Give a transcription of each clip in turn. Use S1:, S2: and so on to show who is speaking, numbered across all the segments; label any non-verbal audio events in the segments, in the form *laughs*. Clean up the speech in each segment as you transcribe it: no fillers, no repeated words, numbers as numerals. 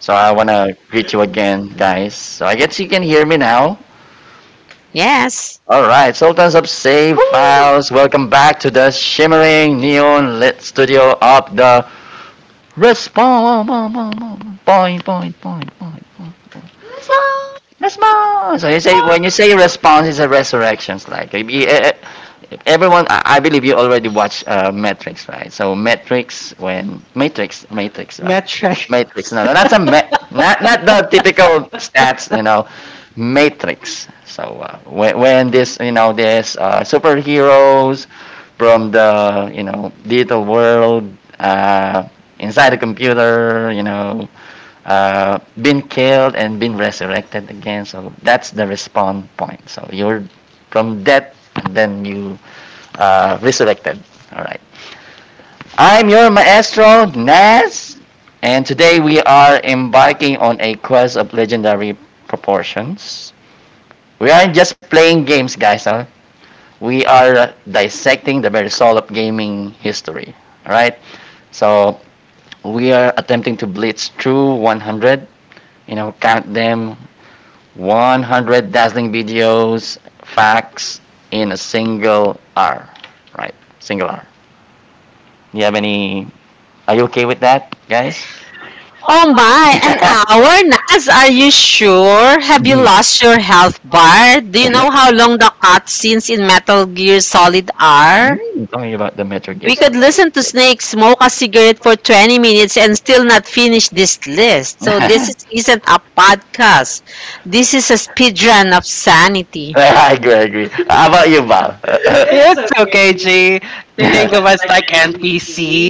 S1: So I wanna greet you again, guys. So I guess you can hear me now.
S2: Yes.
S1: Alright, Sultans of Save
S3: Ooh,
S1: Files, welcome back to the shimmering neon lit studio of the Respawn. Point, point, point, point, point.
S3: stop!
S1: Respawn! So you say, when you say response, it's a resurrection. Like, everyone, I believe you already watched Matrix, right? So Matrix, when Matrix, right?
S3: Metric.
S1: Matrix.
S3: *laughs*
S1: No, no, that's a *laughs* not the typical stats, Matrix. So when this, this superheroes from the, digital world uh, inside the computer, been killed and been resurrected again. So that's the respawn point. So you're from death, and then you resurrected. All right. I'm your maestro, Nas, and today we are embarking on a quest of legendary proportions. We aren't just playing games, guys. Huh? We are dissecting the very soul of gaming history. All right. So we are attempting to blitz through 100. You know, count them, 100 dazzling videos, facts, in a single hour. Right. Single hour. Do you have any— Are you okay with that, guys? *laughs*
S2: Oh my, an hour, Nas? Are you sure? Have you lost your health bar? Do you know how long the cutscenes in Metal Gear Solid are?
S1: *laughs* Tell me about the Metro Gear.
S2: We could listen to
S1: *laughs*
S2: Snake smoke a cigarette for 20 minutes and still not finish this list. So this is, isn't a podcast. This is a speed run of sanity.
S1: I agree, I agree. How about you, Val? *laughs*
S3: It's okay, G. Think
S1: There
S3: of
S1: was—
S3: us like NPC.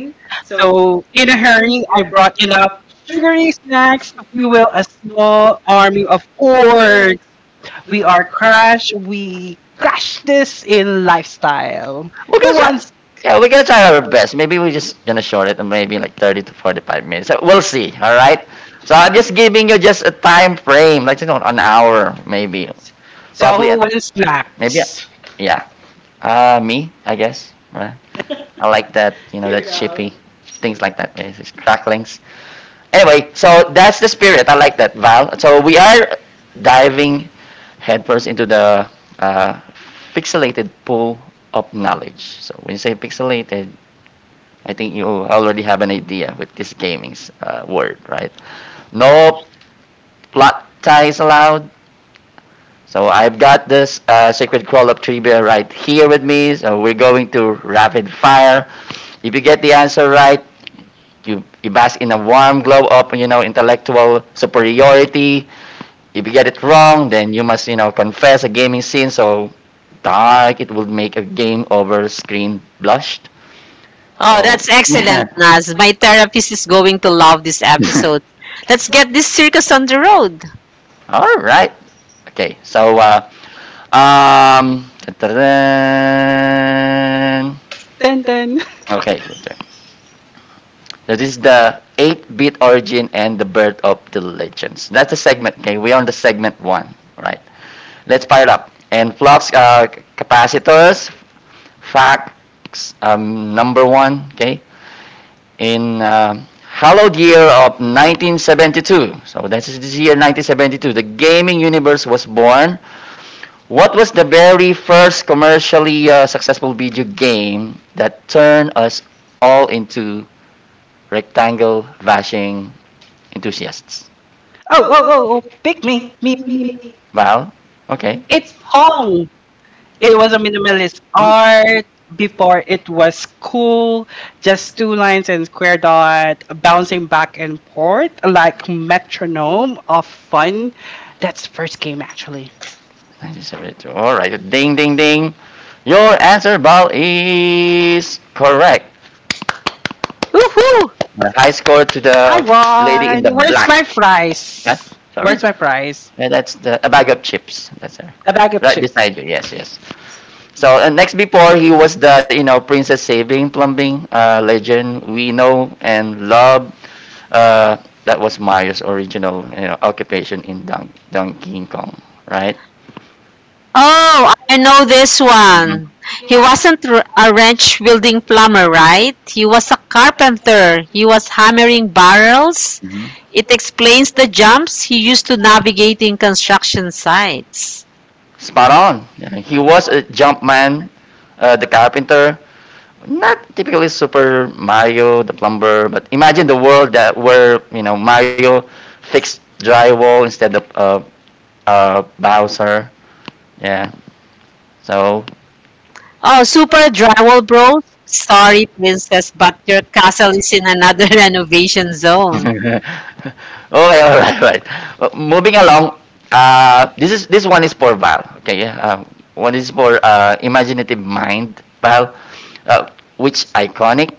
S3: So, in a hurry, I brought enough sugary snacks to fuel a small army of orcs. We are crash. We crash this in lifestyle.
S1: We're
S3: Who
S1: gonna try.
S3: wants?
S1: Yeah, we're gonna try our best. Maybe we're just gonna short it, maybe like 30 to 45 minutes. So we'll see. All right. So I'm just giving you just a time frame, like an hour maybe. So
S3: So,
S1: probably.
S3: who wants snacks?
S1: Next? Yeah. Me, I guess. Right? I like that. You know, that chippy. Things like that. It's cracklings. Anyway, so that's the spirit. I like that, Val. So we are diving headfirst into the uh, pixelated pool of knowledge. So when you say pixelated, I think you already have an idea with this gaming's word, right? No plot ties allowed. So I've got this Sacred Crawl of Trivia right here with me. So we're going to rapid fire. If you get the answer right, you bask in a warm glow of, intellectual superiority. If you get it wrong, then you must, confess a gaming sin. So dark, it will make a game over screen blushed.
S2: Oh,
S1: So,
S2: that's
S1: *laughs* yeah.
S2: excellent, Nas. My therapist is going to love this
S1: *laughs*
S2: episode. Let's get this circus on the road.
S1: All right. Okay, so dun-dun-dun.
S3: Dun dun.
S1: Okay, that is the eight-bit origin and the birth of the legends. That's the segment. Okay, we are on the segment one. All right, let's fire it up. And flux capacitors, facts number one. Okay, in hallowed year of 1972. So this is this year 1972. The gaming universe was born. What was the very first commercially successful video game that turned us all into rectangle bashing enthusiasts?
S3: Oh, oh, oh, oh. Pick me. Me, me, me.
S1: Val? Okay.
S3: It's hot.
S1: That is— All right. Ding, ding, ding. Your answer, Val, is correct.
S2: Woohoo!
S1: A high score to the lady in the black. Huh? Sorry. Yeah, that's the, a bag of chips. That's her. Right, chips beside you. Yes, yes. So and next, before he was the Princess Saving Plumbing legend we know and love, Uh, that was Mario's original occupation in Donkey Kong, right?
S2: Oh, I know this
S1: Mm-hmm.
S2: one. He wasn't a ranch building plumber, right? He was a carpenter. He was hammering barrels.
S1: Mm-hmm.
S2: It explains the jumps he used to navigate in construction sites.
S1: Spot on. Yeah, he was a jump man, the carpenter. Not typically Super Mario, the plumber, but imagine the world that where Mario fixed drywall instead of Bowser. Yeah. So
S2: Oh, super drywall bro. Sorry, princess, but your castle is in another *laughs* renovation
S1: *laughs*
S2: zone.
S1: okay, all right, right. Moving along, this is this one is for Val. Okay, yeah. One is for imaginative mind, Val. Uh, which iconic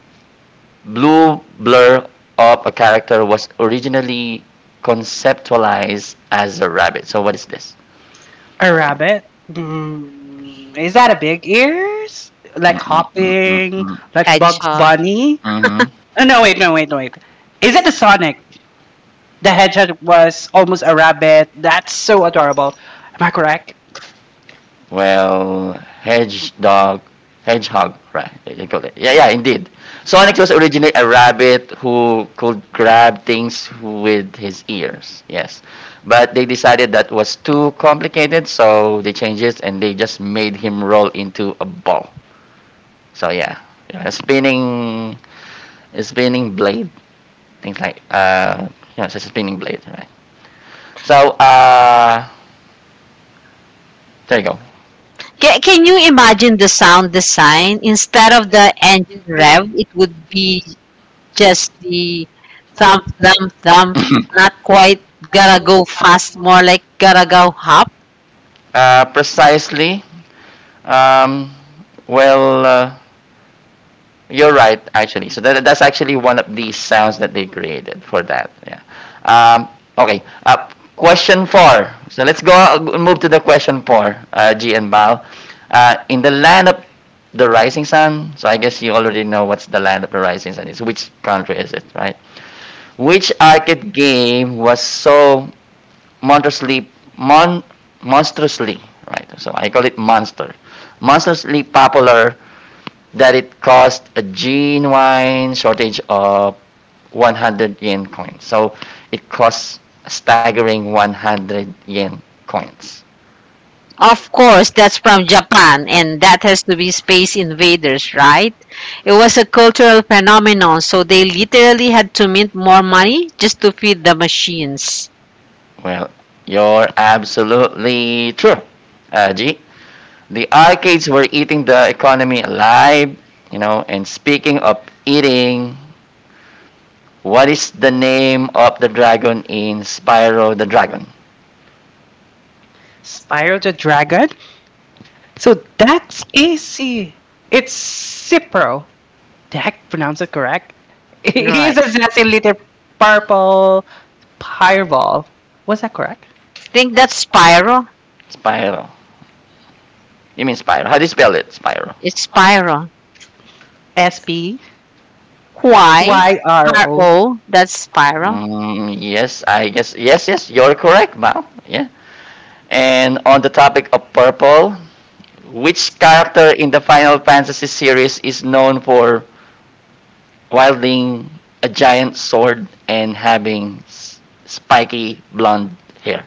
S1: blue blur of a character was originally conceptualized as a rabbit? So what is this?
S2: Hedgehog.
S1: Mm-hmm. Well, hedgehog, hedgehog, right? You call it. Yeah, yeah, indeed. Sonic was originally a rabbit who could grab things with his ears. Yes, but they decided that was too complicated, so they changed it and they just made him roll into a ball. So yeah, yeah. A spinning blade, things like yeah, it's a spinning blade, right? So there you go.
S2: Can you imagine the sound design? Instead of the engine rev, it would be just the thump, thump, thump. Not quite gotta go fast, more like gotta go hop.
S1: Precisely. Um, well, uh, you're right, actually. So that's actually one of the sounds that they created for that. Yeah. Um, okay. Question four. So let's go move to the question four, G and Bao. In the land of the rising sun, so I guess you already know what's the land of the rising sun is. Which country is it, right? Which arcade game was so monstrously, mon, monstrously, right? So I call it monster. Monstrously popular that it caused a genuine shortage of 100 yen coins. So it costs a staggering 100 yen coins.
S2: Of course, that's from Japan, and that has to be Space Invaders, right? It was a cultural phenomenon, so they literally had to mint more money just to feed the machines.
S1: Well, you're absolutely true, G. The arcades were eating the economy alive, you know. And speaking of eating, what is the name of the dragon in Spyro the Dragon?
S2: Right. think that's Spyro.
S1: Spiral. You mean spiral? How do you spell it? Spiral.
S2: It's Spyro. Why? R O. That's Spyro.
S1: Mm, yes, I guess. Yes, yes, you're correct, Mal. Yeah. And on the topic of purple, which character in the Final Fantasy series is known for wielding a giant sword and having spiky blonde hair?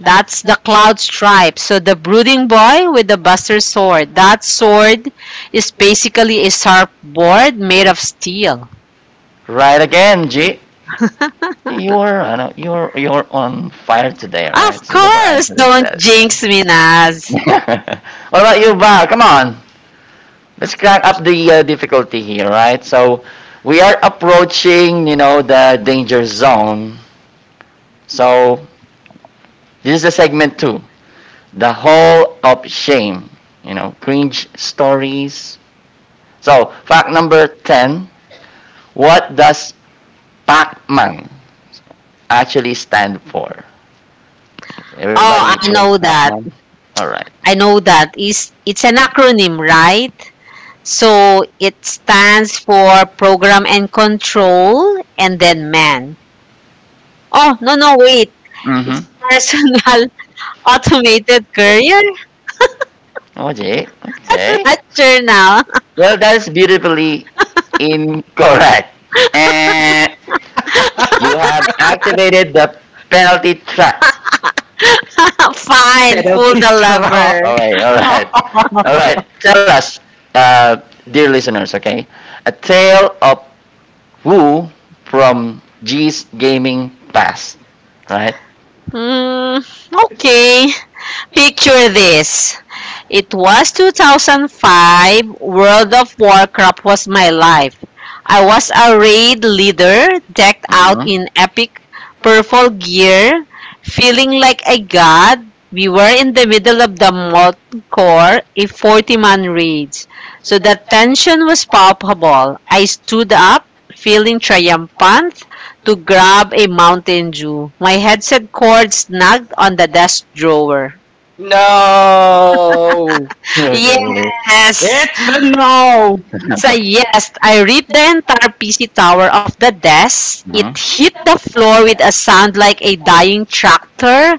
S2: That's the cloud stripe. So the brooding boy with the buster sword. That sword is basically a sharp board made of steel.
S1: Right again, G. I know, you're on fire today, right?
S2: Of
S1: So you
S2: course,
S1: answer
S2: don't
S1: that.
S2: jinx me,
S1: *laughs*
S2: Naz.
S1: What about you, Val? Come on. Let's crank up the difficulty here, right? So we are approaching, you know, the danger zone. So this is a segment two, the hall of shame. You know, cringe stories. So fact number ten: what does Pac-Man actually stand for? Everybody
S2: Oh, I
S1: plays
S2: know that.
S1: Pac-Man. All right.
S2: I know that. It's an acronym, right? So it stands for program and control and then man. Oh, no, no, wait.
S1: Mm-hmm.
S2: It's personal *laughs* automated courier.
S1: Oh, gee.
S2: *laughs*
S1: Okay.
S2: Not sure now.
S1: Well, that is beautifully incorrect. Eh. You have activated the penalty trap.
S2: *laughs* Fine, pull the lever.
S1: All right, all right. All right. Tell us, uh, dear listeners, okay? A tale of Wu from G's gaming past, right?
S2: Mm, okay. Picture this. It was 2005. World of Warcraft was my life. I was a raid leader decked out
S1: Mm-hmm.
S2: in
S1: *laughs*
S2: epic purple gear, feeling like a god. We were in the middle of the Molten Core, a 40-man raid. So the tension was palpable. I stood up, feeling triumphant, to grab a Mountain Dew. My headset cord snagged on the desk drawer. *laughs* Yes! It's yes. I ripped the entire PC tower off the desk. It hit the floor with a sound like a dying tractor.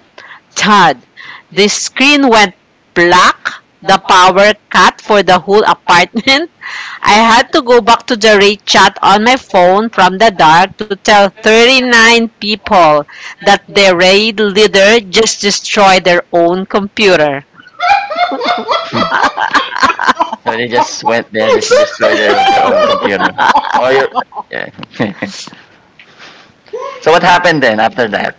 S2: Thud. The screen went black. The power cut for the whole apartment. *laughs* I had to go back to the rate chat on my phone from the dark to tell 39 people that their raid leader just destroyed their own computer.
S1: Hmm. So they just went there, just destroyed their own computer. Or your. Yeah. *laughs* So what happened then after that,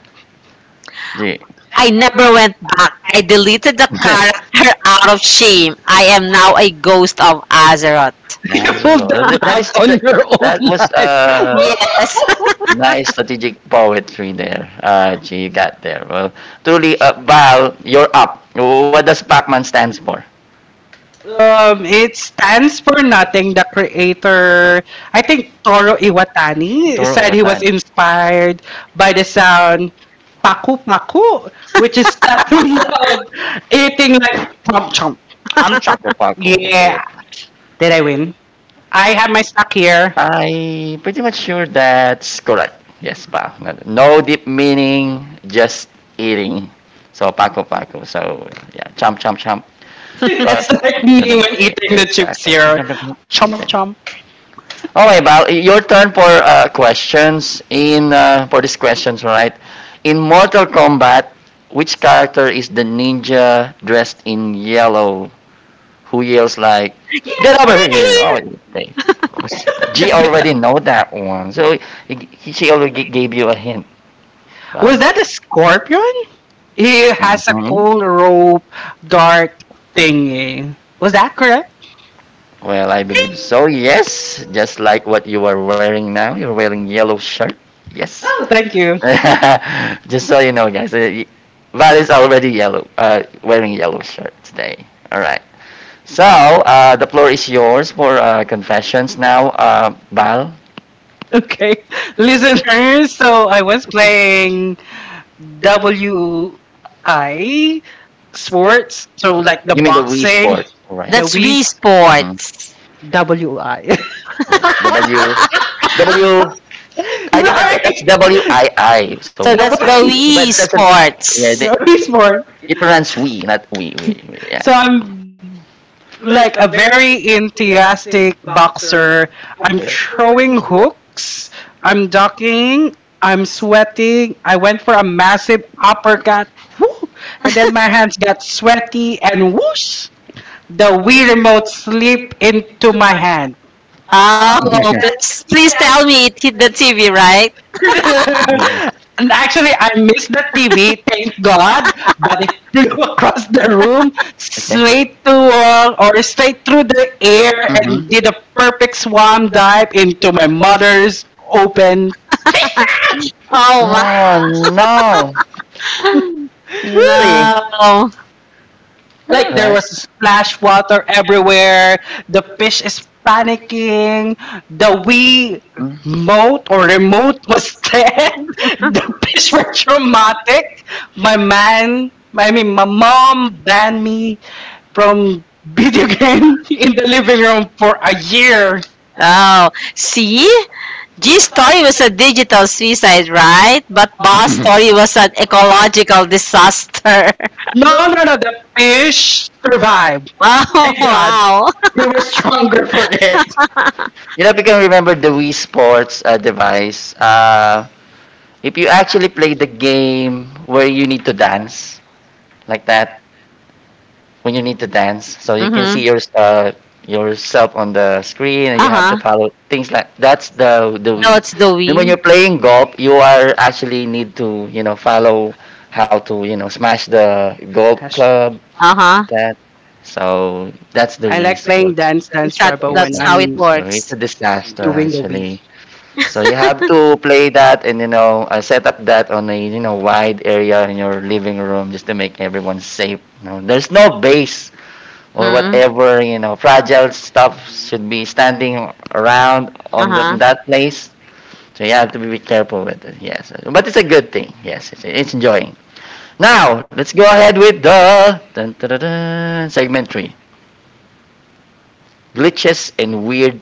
S1: G?
S2: I never went back. I deleted
S1: *laughs*
S2: the
S1: That
S2: character *laughs* out of shame. I am now a ghost of Azeroth.
S1: that is that, that was a
S2: Yes. *laughs* Get
S1: nice strategic poetry there. Gee, you got there. Well, truly, Val, you're up. What does Pac-Man stands for? Toro Otan. Paco Paco, okay. I pretty much sure that's correct. Yes, Val. No deep meaning, just eating. So Paco Paco. So yeah, chomp chomp chomp. Right. *laughs* The fifth. Exactly. The— Okay. Okay, Val, your turn for questions in for these questions, right? In Mortal Kombat, which character is the ninja dressed in yellow who yells like "Get
S2: out
S1: over
S2: of
S1: here"? Oh,
S2: here.
S1: okay. G already know that one, so she already gave you a hint. Val. Mhm. Hmm, dual— Well, I believe so. Yes, just like what you are wearing now. You're wearing yellow shirt. Yes. *laughs* *laughs* Just so you know, guys, Val is already yellow, wearing yellow shirt today. All right. So the floor is yours for confessions now, Val. You mean the Wii Sport, all right?
S2: That's
S1: Sport.
S2: Wii
S1: Mm-hmm.
S2: Sports.
S1: Yes. W *laughs* W but that's WII. So
S2: So that's the
S1: *laughs* but
S2: Wii
S1: it— Yeah,
S2: Sports.
S1: it runs we, not we.
S2: Oh,
S1: *laughs*
S2: please, please tell me it hit the TV, right?
S1: *laughs* *laughs*
S2: Oh,
S1: No!
S2: my.
S1: Really?
S2: No.
S1: Alright. Mm.
S2: Oh, see? G's story was a digital suicide, right? But Ba's story was an ecological disaster. *laughs* Wow, *laughs* wow.
S1: You know, if you can remember the Wii Sports device, if you actually play the game where you need to dance, like that, when you need to dance, so you can
S2: Mhm.
S1: see your, yourself on the screen and you have to
S2: Uh-huh.
S1: follow things like that's the Wii.
S2: That's the
S1: Then when you're
S2: we.
S1: playing golf, you are actually need to you know follow how to you know smash the golf club
S2: Uh-huh.
S1: that. So that's the way sports—
S2: Is that
S1: it's
S2: that's how
S1: awesome.
S2: it
S1: So it's
S2: works.
S1: a disaster actually. So you have to play that and you know set up that on a you know wide area in your living room just to make everyone safe. You know, there's no base or
S2: Mm.
S1: whatever you know fragile stuff should be standing around on
S2: Uh-huh.
S1: that place. So you have to be careful with it. Yes, but it's a good thing. Yes, it's enjoying. Now let's go ahead with the dun, dun, dun, dun, segment three. Glitches and weird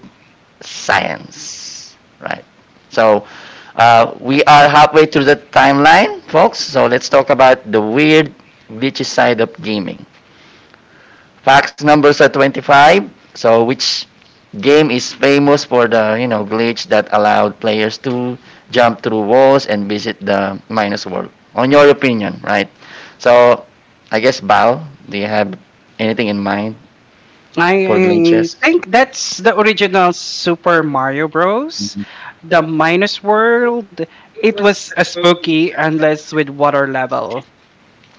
S1: science, right? So we are halfway through the timeline, folks. So let's talk about the weird, glitchy side of gaming. Facts numbers are 25. So which game is famous for the you know glitch that allowed players to jump through walls and visit the minus world? On your opinion, right? So I guess Bao, do you have anything in mind for glitches? Mm-hmm.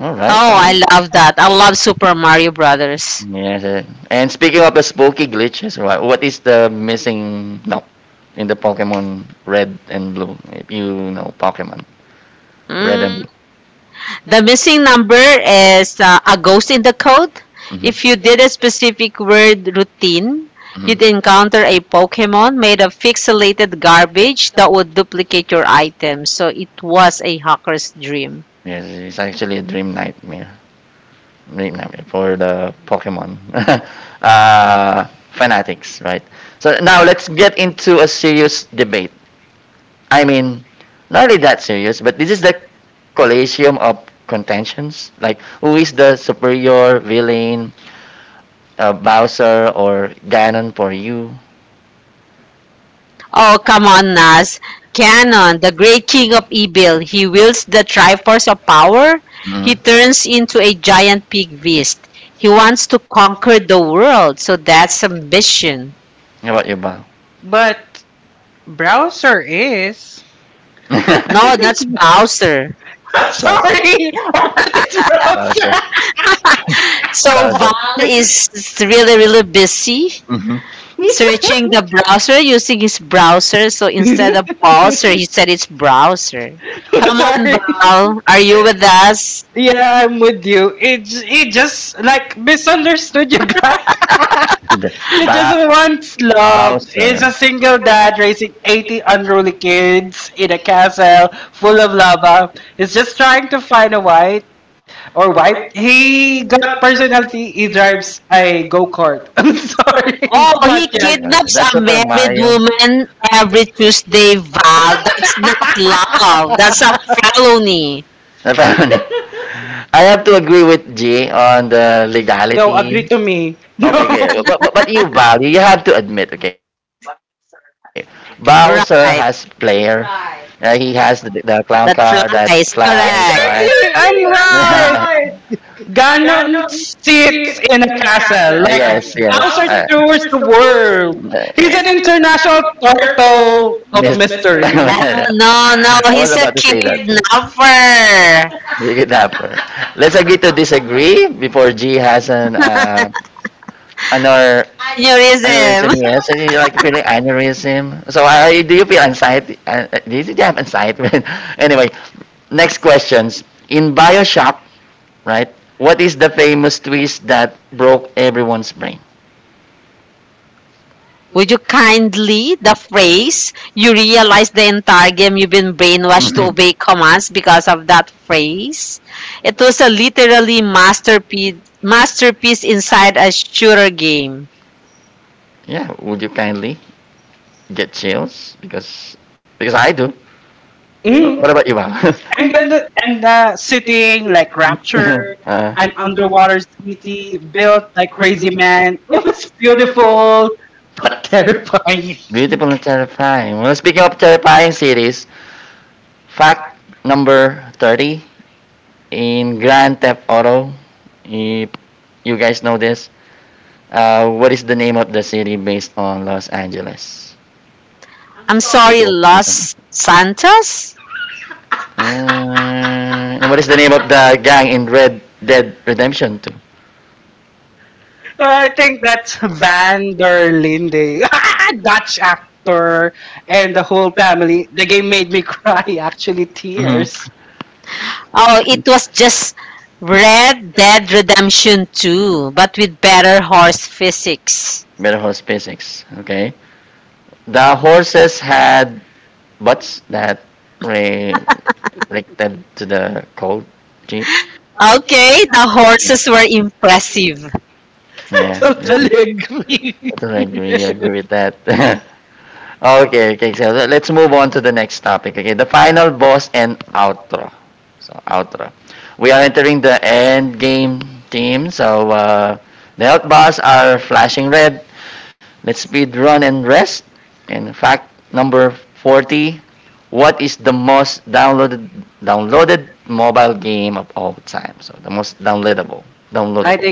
S1: All right, all
S2: Oh, I
S1: right.
S2: love that. I love Super Mario Brothers.
S1: Yeah. Yes. And speaking of the spooky glitches, what is the missing no in the Pokemon Red and Blue? If you know Pokemon Red and
S2: Mm.
S1: Blue.
S2: The missing number is a ghost in the code.
S1: Mm-hmm.
S2: If you did a specific word routine, you'd
S1: Mm-hmm.
S2: encounter a Pokemon made of pixelated garbage that would duplicate your items. So it was a hacker's dream.
S1: Yes, it's actually a dream nightmare. Dream nightmare for the Pokemon *laughs* uh, fanatics, right? So now let's get into a serious debate. I mean, not really that serious, but this is the Colosseum of Contentions? Like, who is the superior villain, Bowser or Ganon for you?
S2: Oh, come on, Nas. Ganon, the great king of evil, he wields the Triforce of power. He
S1: Mm.
S2: turns into a giant pig beast. He wants to conquer the world, so that's ambition.
S1: How about you, Bao? *laughs* *laughs*
S2: No,
S1: Bowser.
S2: that's Bowser.
S1: Sorry. *laughs* It's Bowser.
S2: So
S1: Broken.
S2: Vowel
S1: Bowser.
S2: is really, really busy
S1: Mhm.
S2: searching the browser using his browser. So instead of Bowser, he said it's browser. Come on, Val, are you with us?
S1: ba- *laughs* is Bowser.
S2: Oh,
S1: Yeah,
S2: he
S1: yeah. *laughs*
S2: kidnaps
S1: That's
S2: a
S1: Super
S2: married
S1: Mario.
S2: woman every Tuesday, Val. That's not love. That's a felony.
S1: Napamani. I have to agree with G on the no, agree legality. *laughs* Okay, no. Okay. But you, Val, you have to admit, okay, Bowser has player.
S2: Right.
S1: He has the clown car
S2: That
S1: that
S2: flies.
S1: flies, right?
S2: Correct.
S1: *laughs* That yes, yes. Uh, uh, Miss, *laughs*
S2: Oh,
S1: I
S2: no, no.
S1: was love
S2: He's a
S1: about to say that too.
S2: kidnapper.
S1: Kidnapper. It up. Let's agree to disagree before G has an anor aneurysm.
S2: Aneurysm.
S1: Aneurysm. Yes, so you like feeling aneurysm. So I do you feel anxiety? Do you have anxiety? *laughs* Anyway, next questions. In Bioshock, right? What is the famous twist that broke everyone's brain? *laughs*
S2: Would you kindly, the phrase, you realize the entire game you've been brainwashed to
S1: Mhm.
S2: obey commands because of that phrase? It was a literally masterpiece, masterpiece inside a shooter game.
S1: Yeah, would you kindly get chills? Because I do. What about you, Val? *laughs* *laughs* Uh. *laughs* Beautiful and terrifying. Well, speaking of terrifying series, fact number 30 in Grand Theft Auto. If you guys know this, what is the name of the city based on Los Angeles?
S2: I'm sorry,
S1: It was awesome.
S2: Los Santos?
S1: And what is the name of the gang in Red Dead Redemption 2? Mm-hmm.
S2: Oh, it was just Red Dead Redemption 2, but with better horse physics.
S1: Better horse physics. Okay. The horses had butts that re- reacted to the cold. Jeep.
S2: Okay, the horses were impressive.
S1: *laughs* Yeah. *laughs* Totally agree. I totally agree. I agree with that. *laughs* Okay, okay. So let's move on to the next topic. Okay, the final boss and outro. So outro. We are entering the end game team. So the health bars are flashing red. Let's speed run and rest. And fact number 40. What is the most downloaded mobile game of all time? So the most downloadable I downloadable.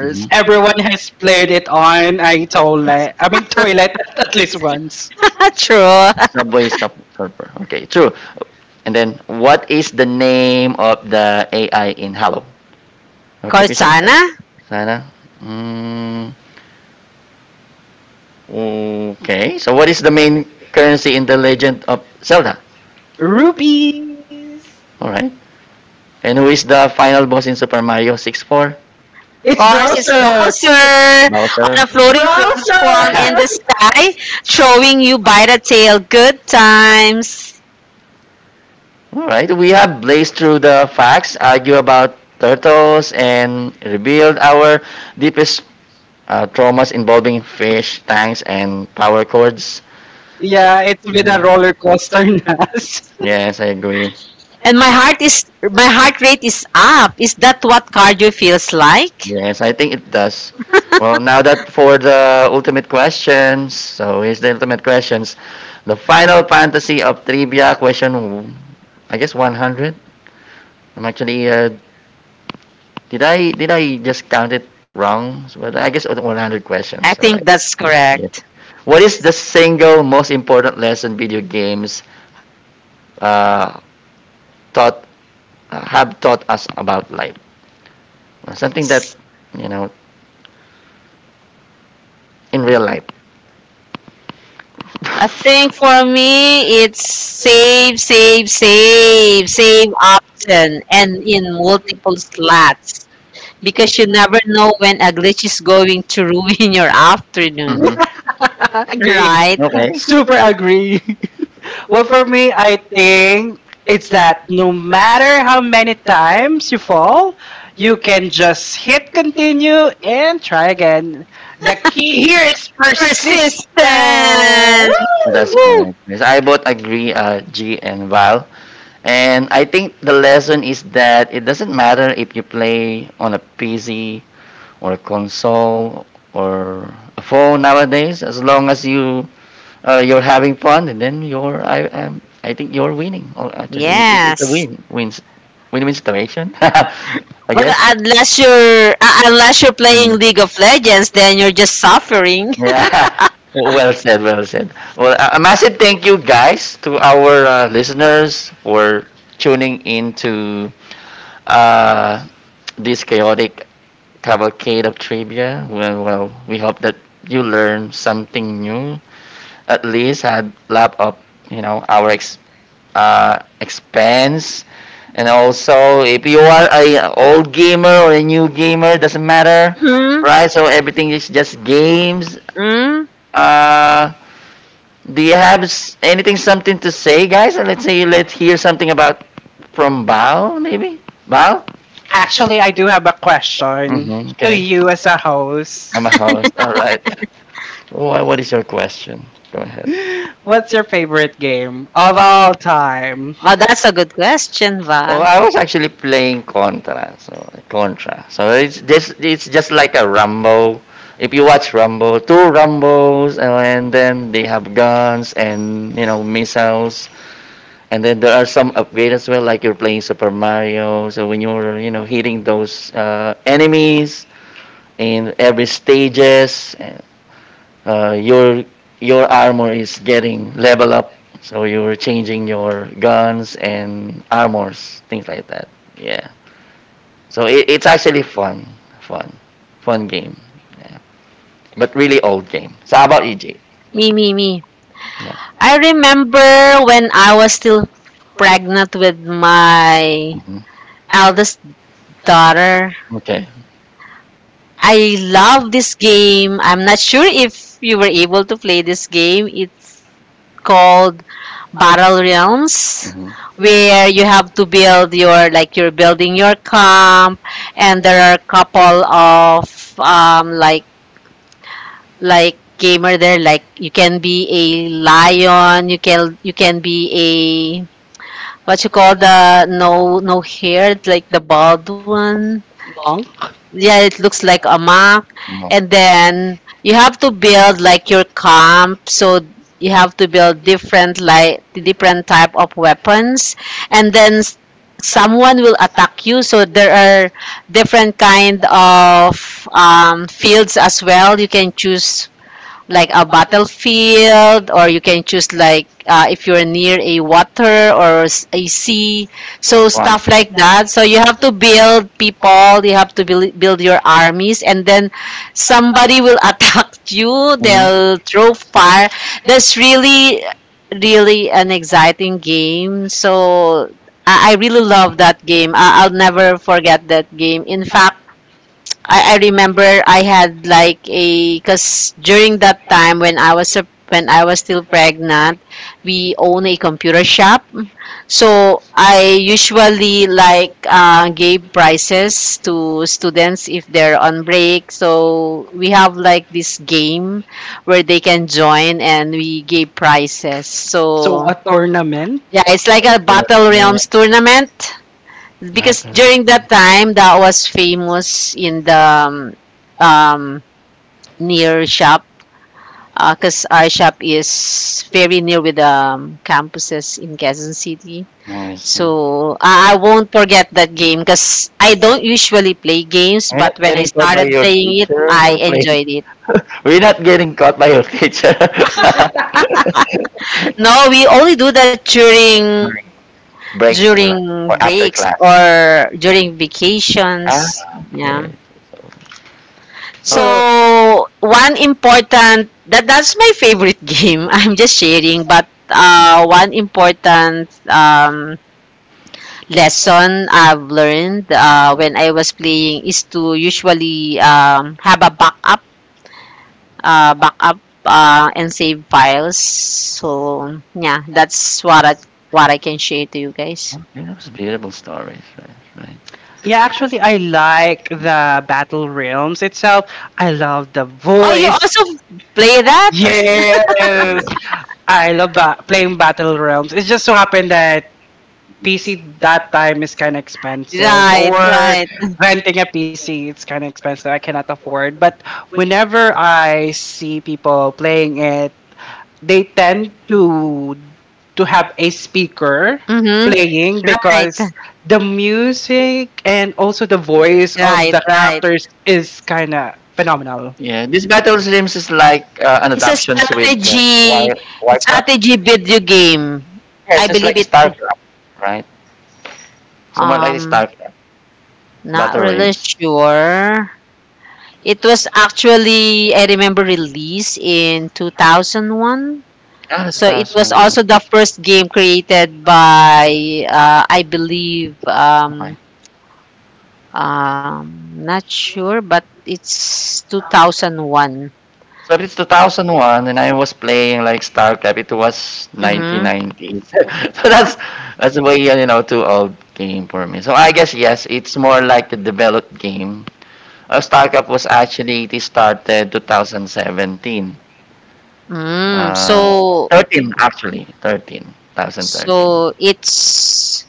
S1: Mhm.
S2: *laughs* True.
S1: Surfer. Okay, true. And then, what is the name of the AI in Hello? Notification.
S2: Cortana?
S1: Sana? Mm, okay. So, what is the main currency in The Legend of Zelda? All right. And who is the final boss in Super Mario 64?
S2: Horse is Bowser on
S1: Bowser.
S2: a floating platform in the
S1: *laughs*
S2: sky, throwing you by the tail. Good times.
S1: All right. We have blazed through the facts, argue about turtles, and revealed our deepest traumas involving fish tanks and power cords. Mhm. *laughs* Yes, I agree.
S2: And my heart is my heart rate is up. Is that what cardio feels like?
S1: Yes, I think it does. Well, now that for the ultimate questions, so here's the ultimate questions. The final fantasy of trivia question, I guess 100. I'm actually, did I just count it wrong? So, but I guess 100
S2: I
S1: questions. All right.
S2: think that's
S1: Yeah.
S2: correct.
S1: What is the single most important lesson video games uh, taught have taught us about life? Something that you know in real life.
S2: I think for me, it's save, save, save, save often and in multiple slots because you never know when a glitch is going to ruin *laughs* your afternoon,
S1: Hmm.
S2: right?
S1: Okay, *laughs*
S2: Persistence.
S1: that's
S2: Woo.
S1: correct. Yes, I both agree, G and Val. And I think the lesson is that it doesn't matter if you play on a PC or a console or a phone nowadays, as long as you you're having fun, and then you're I think you're winning. Or actually, it's a
S2: Yes.
S1: win win situation. *laughs* I
S2: Well,
S1: guess.
S2: unless you're unless you're playing
S1: Mm.
S2: League of Legends, then you're just suffering. *laughs*
S1: Yeah. *laughs* Well said, well said. Well, a massive thank you guys to our listeners for tuning in to uh, this chaotic cavalcade of trivia. Well, well, we hope that you learn something new, at least had lap up, you know, our expense. And also, if you are a old gamer or a new gamer, doesn't matter,
S2: Mm,
S1: right? So everything is just games.
S2: mm.
S1: Uh, Do you have anything, something to say, guys? And let's hear something about from Bao, maybe Bao. Mm-hmm. To okay, I'm a host. All right. What is your question? Go ahead.
S2: Oh, that's a good question,
S1: So
S2: Val.
S1: I was actually playing Contra. So it's this. It's just like a Rumble. If you watch Rumble, two Rumbles, and then they have guns and you know missiles. And then there are some upgrades as well, like you're playing Super Mario. So when you're, you know, hitting those enemies in every stages, uh, your your armor is getting level up. So you're changing your guns and armors, things like that. Yeah. So it's actually fun, fun game. Yeah. But really old game. So how about EJ.
S2: Me, me, me.
S1: Yeah.
S2: I remember when I was still pregnant with my
S1: Hmm.
S2: eldest daughter.
S1: Okay.
S2: I love this game. I'm not sure if you were able to play this game. It's called Battle Realms,
S1: Hmm.
S2: where you have to build your, like, you're building your camp, and there are a couple of um like like gamer there. Like, you can be a lion, you can, you can be a, what you call, the no, no hair, like the bald one. Yeah, it looks like a mock. And then you have to build like your comp. So you have to build different, like different type of weapons, and then someone will attack you. So there are different kind of fields as well you can choose, like a battlefield, or you can choose like, if you're near a water or a sea. So stuff like that. So you have to build people, you have to build your armies, and then somebody will *laughs* attack you,
S1: Mhm.
S2: they'll throw fire. That's really, really an exciting game. So I really love that game. I'll never forget that game. In fact, I remember I had like a, because during that time when I was a, when I was still pregnant, we own a computer shop. So I usually like gave prizes to students if they're on break. So we have like this game where they can join and we gave prizes. So yeah, it's like a
S1: That's what.
S2: Battle Realms tournament, because during that time that was famous in the um, um, near shop, because our shop is very near with the campuses in Quezon City.
S1: No, I see.
S2: So I won't forget that game because I don't usually play games,
S1: We're not
S2: but when I
S1: getting
S2: started playing it,
S1: teacher
S2: I enjoyed it.
S1: We're not getting caught by your teacher. *laughs*
S2: No, we only do that during,
S1: During or
S2: during breaks or during
S1: ah,
S2: vacations. Yeah.
S1: okay.
S2: So, one important, that, that's my favorite *laughs* game. I'm just sharing, but one important lesson I've learned when I was playing is to usually have a backup, backup and save files. So yeah, that's what I can share to you guys.
S1: You know, it's beautiful stories, right? Right.
S2: Oh, you also play that? *laughs* Right, right. Mm-hmm. Right. Right, right.
S1: Yeah, this battle sims is like an
S2: It's a
S1: adaptations with
S2: strategy
S1: Warcraft.
S2: strategy video game.
S1: Yeah,
S2: I
S1: it's just
S2: believe
S1: like
S2: it.
S1: Starcraft, right? Somewhat like
S2: Um,
S1: Starcraft.
S2: not
S1: Battle
S2: really
S1: rims.
S2: sure. It was actually, I remember, released in 2001.
S1: Ah, it's
S2: So it was
S1: 2000. Uh,
S2: also the first game created by I believe
S1: oh my.
S2: um not sure, but it's 2001.
S1: So if it's 2001 and I was playing like Starcraft, it was
S2: Mhm.
S1: 1990s. *laughs* So that's way you know too old game for me. So I guess yes, it's more like a developed game. Starcraft was actually it started 2017.
S2: Mm.
S1: Uh, so
S2: So
S1: 13 actually, 13, 2013.
S2: So it's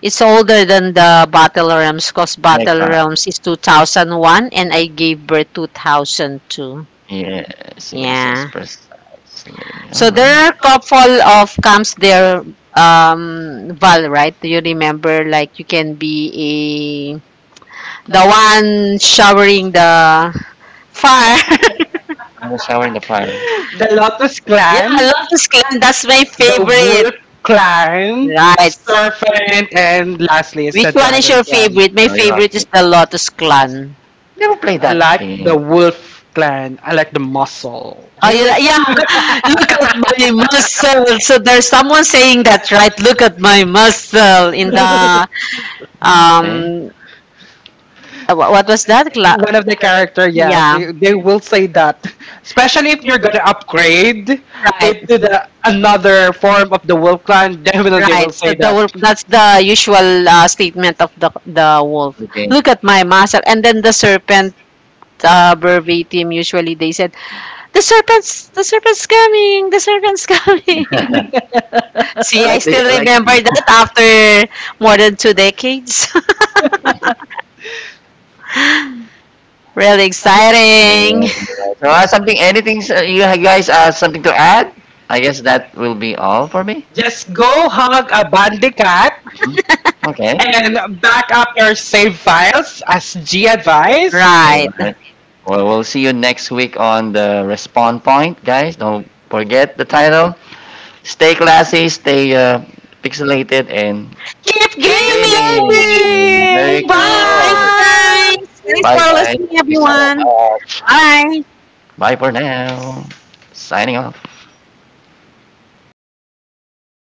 S2: it's older than the Battle Realms, because
S1: So
S2: Battle
S1: exactly.
S2: Realms is 2001, and I gave birth 2002.
S1: Yes, yes, yes,
S2: Yeah.
S1: precisely.
S2: So there
S1: Alright.
S2: are a couple of camps there, Val, right? Do you remember? Like you can be a, the one showering the fire.
S1: I'm the shower in the fire.
S2: *laughs* Yeah, Lotus Clan. That's my favorite. Right. Which one is your favorite? My
S1: Are you like
S2: favorite is
S1: me?
S2: the Lotus Clan.
S1: Never played that game?
S2: Oh,
S1: We
S2: you
S1: were
S2: like, yeah. Look at my muscle. So there's someone saying that, right? Look at my muscle in the
S1: okay.
S2: um. What was that? Yeah, right, right. So the wolf. That's the usual statement of the wolf.
S1: Okay.
S2: Look at my muscle, and then the serpent. Verbatim. Usually they said, "The serpent's coming. The serpent's coming."
S1: *laughs*
S2: *laughs* See, I still
S1: Like
S2: remember
S1: the
S2: that after more than 2 decades. Really exciting.
S1: yeah. So something, anything you guys something to add? I guess that will be all for me. Mm-hmm. Okay. Save file. All
S2: Right.
S1: right. Well, we'll see you next week on the Respawn Point, guys. Don't forget the title. Stay classy, stay pixelated, and keep
S2: Keep
S1: keep
S2: gaming.
S1: gaming.
S2: Keep
S1: Gaming. There you
S2: gaming. Thank you
S1: go.
S2: guys. Thanks
S1: Bye,
S2: for
S1: guys.
S2: listening,
S1: Thank you so
S2: everyone.
S1: much.
S2: Bye.
S1: Bye for now. Signing off.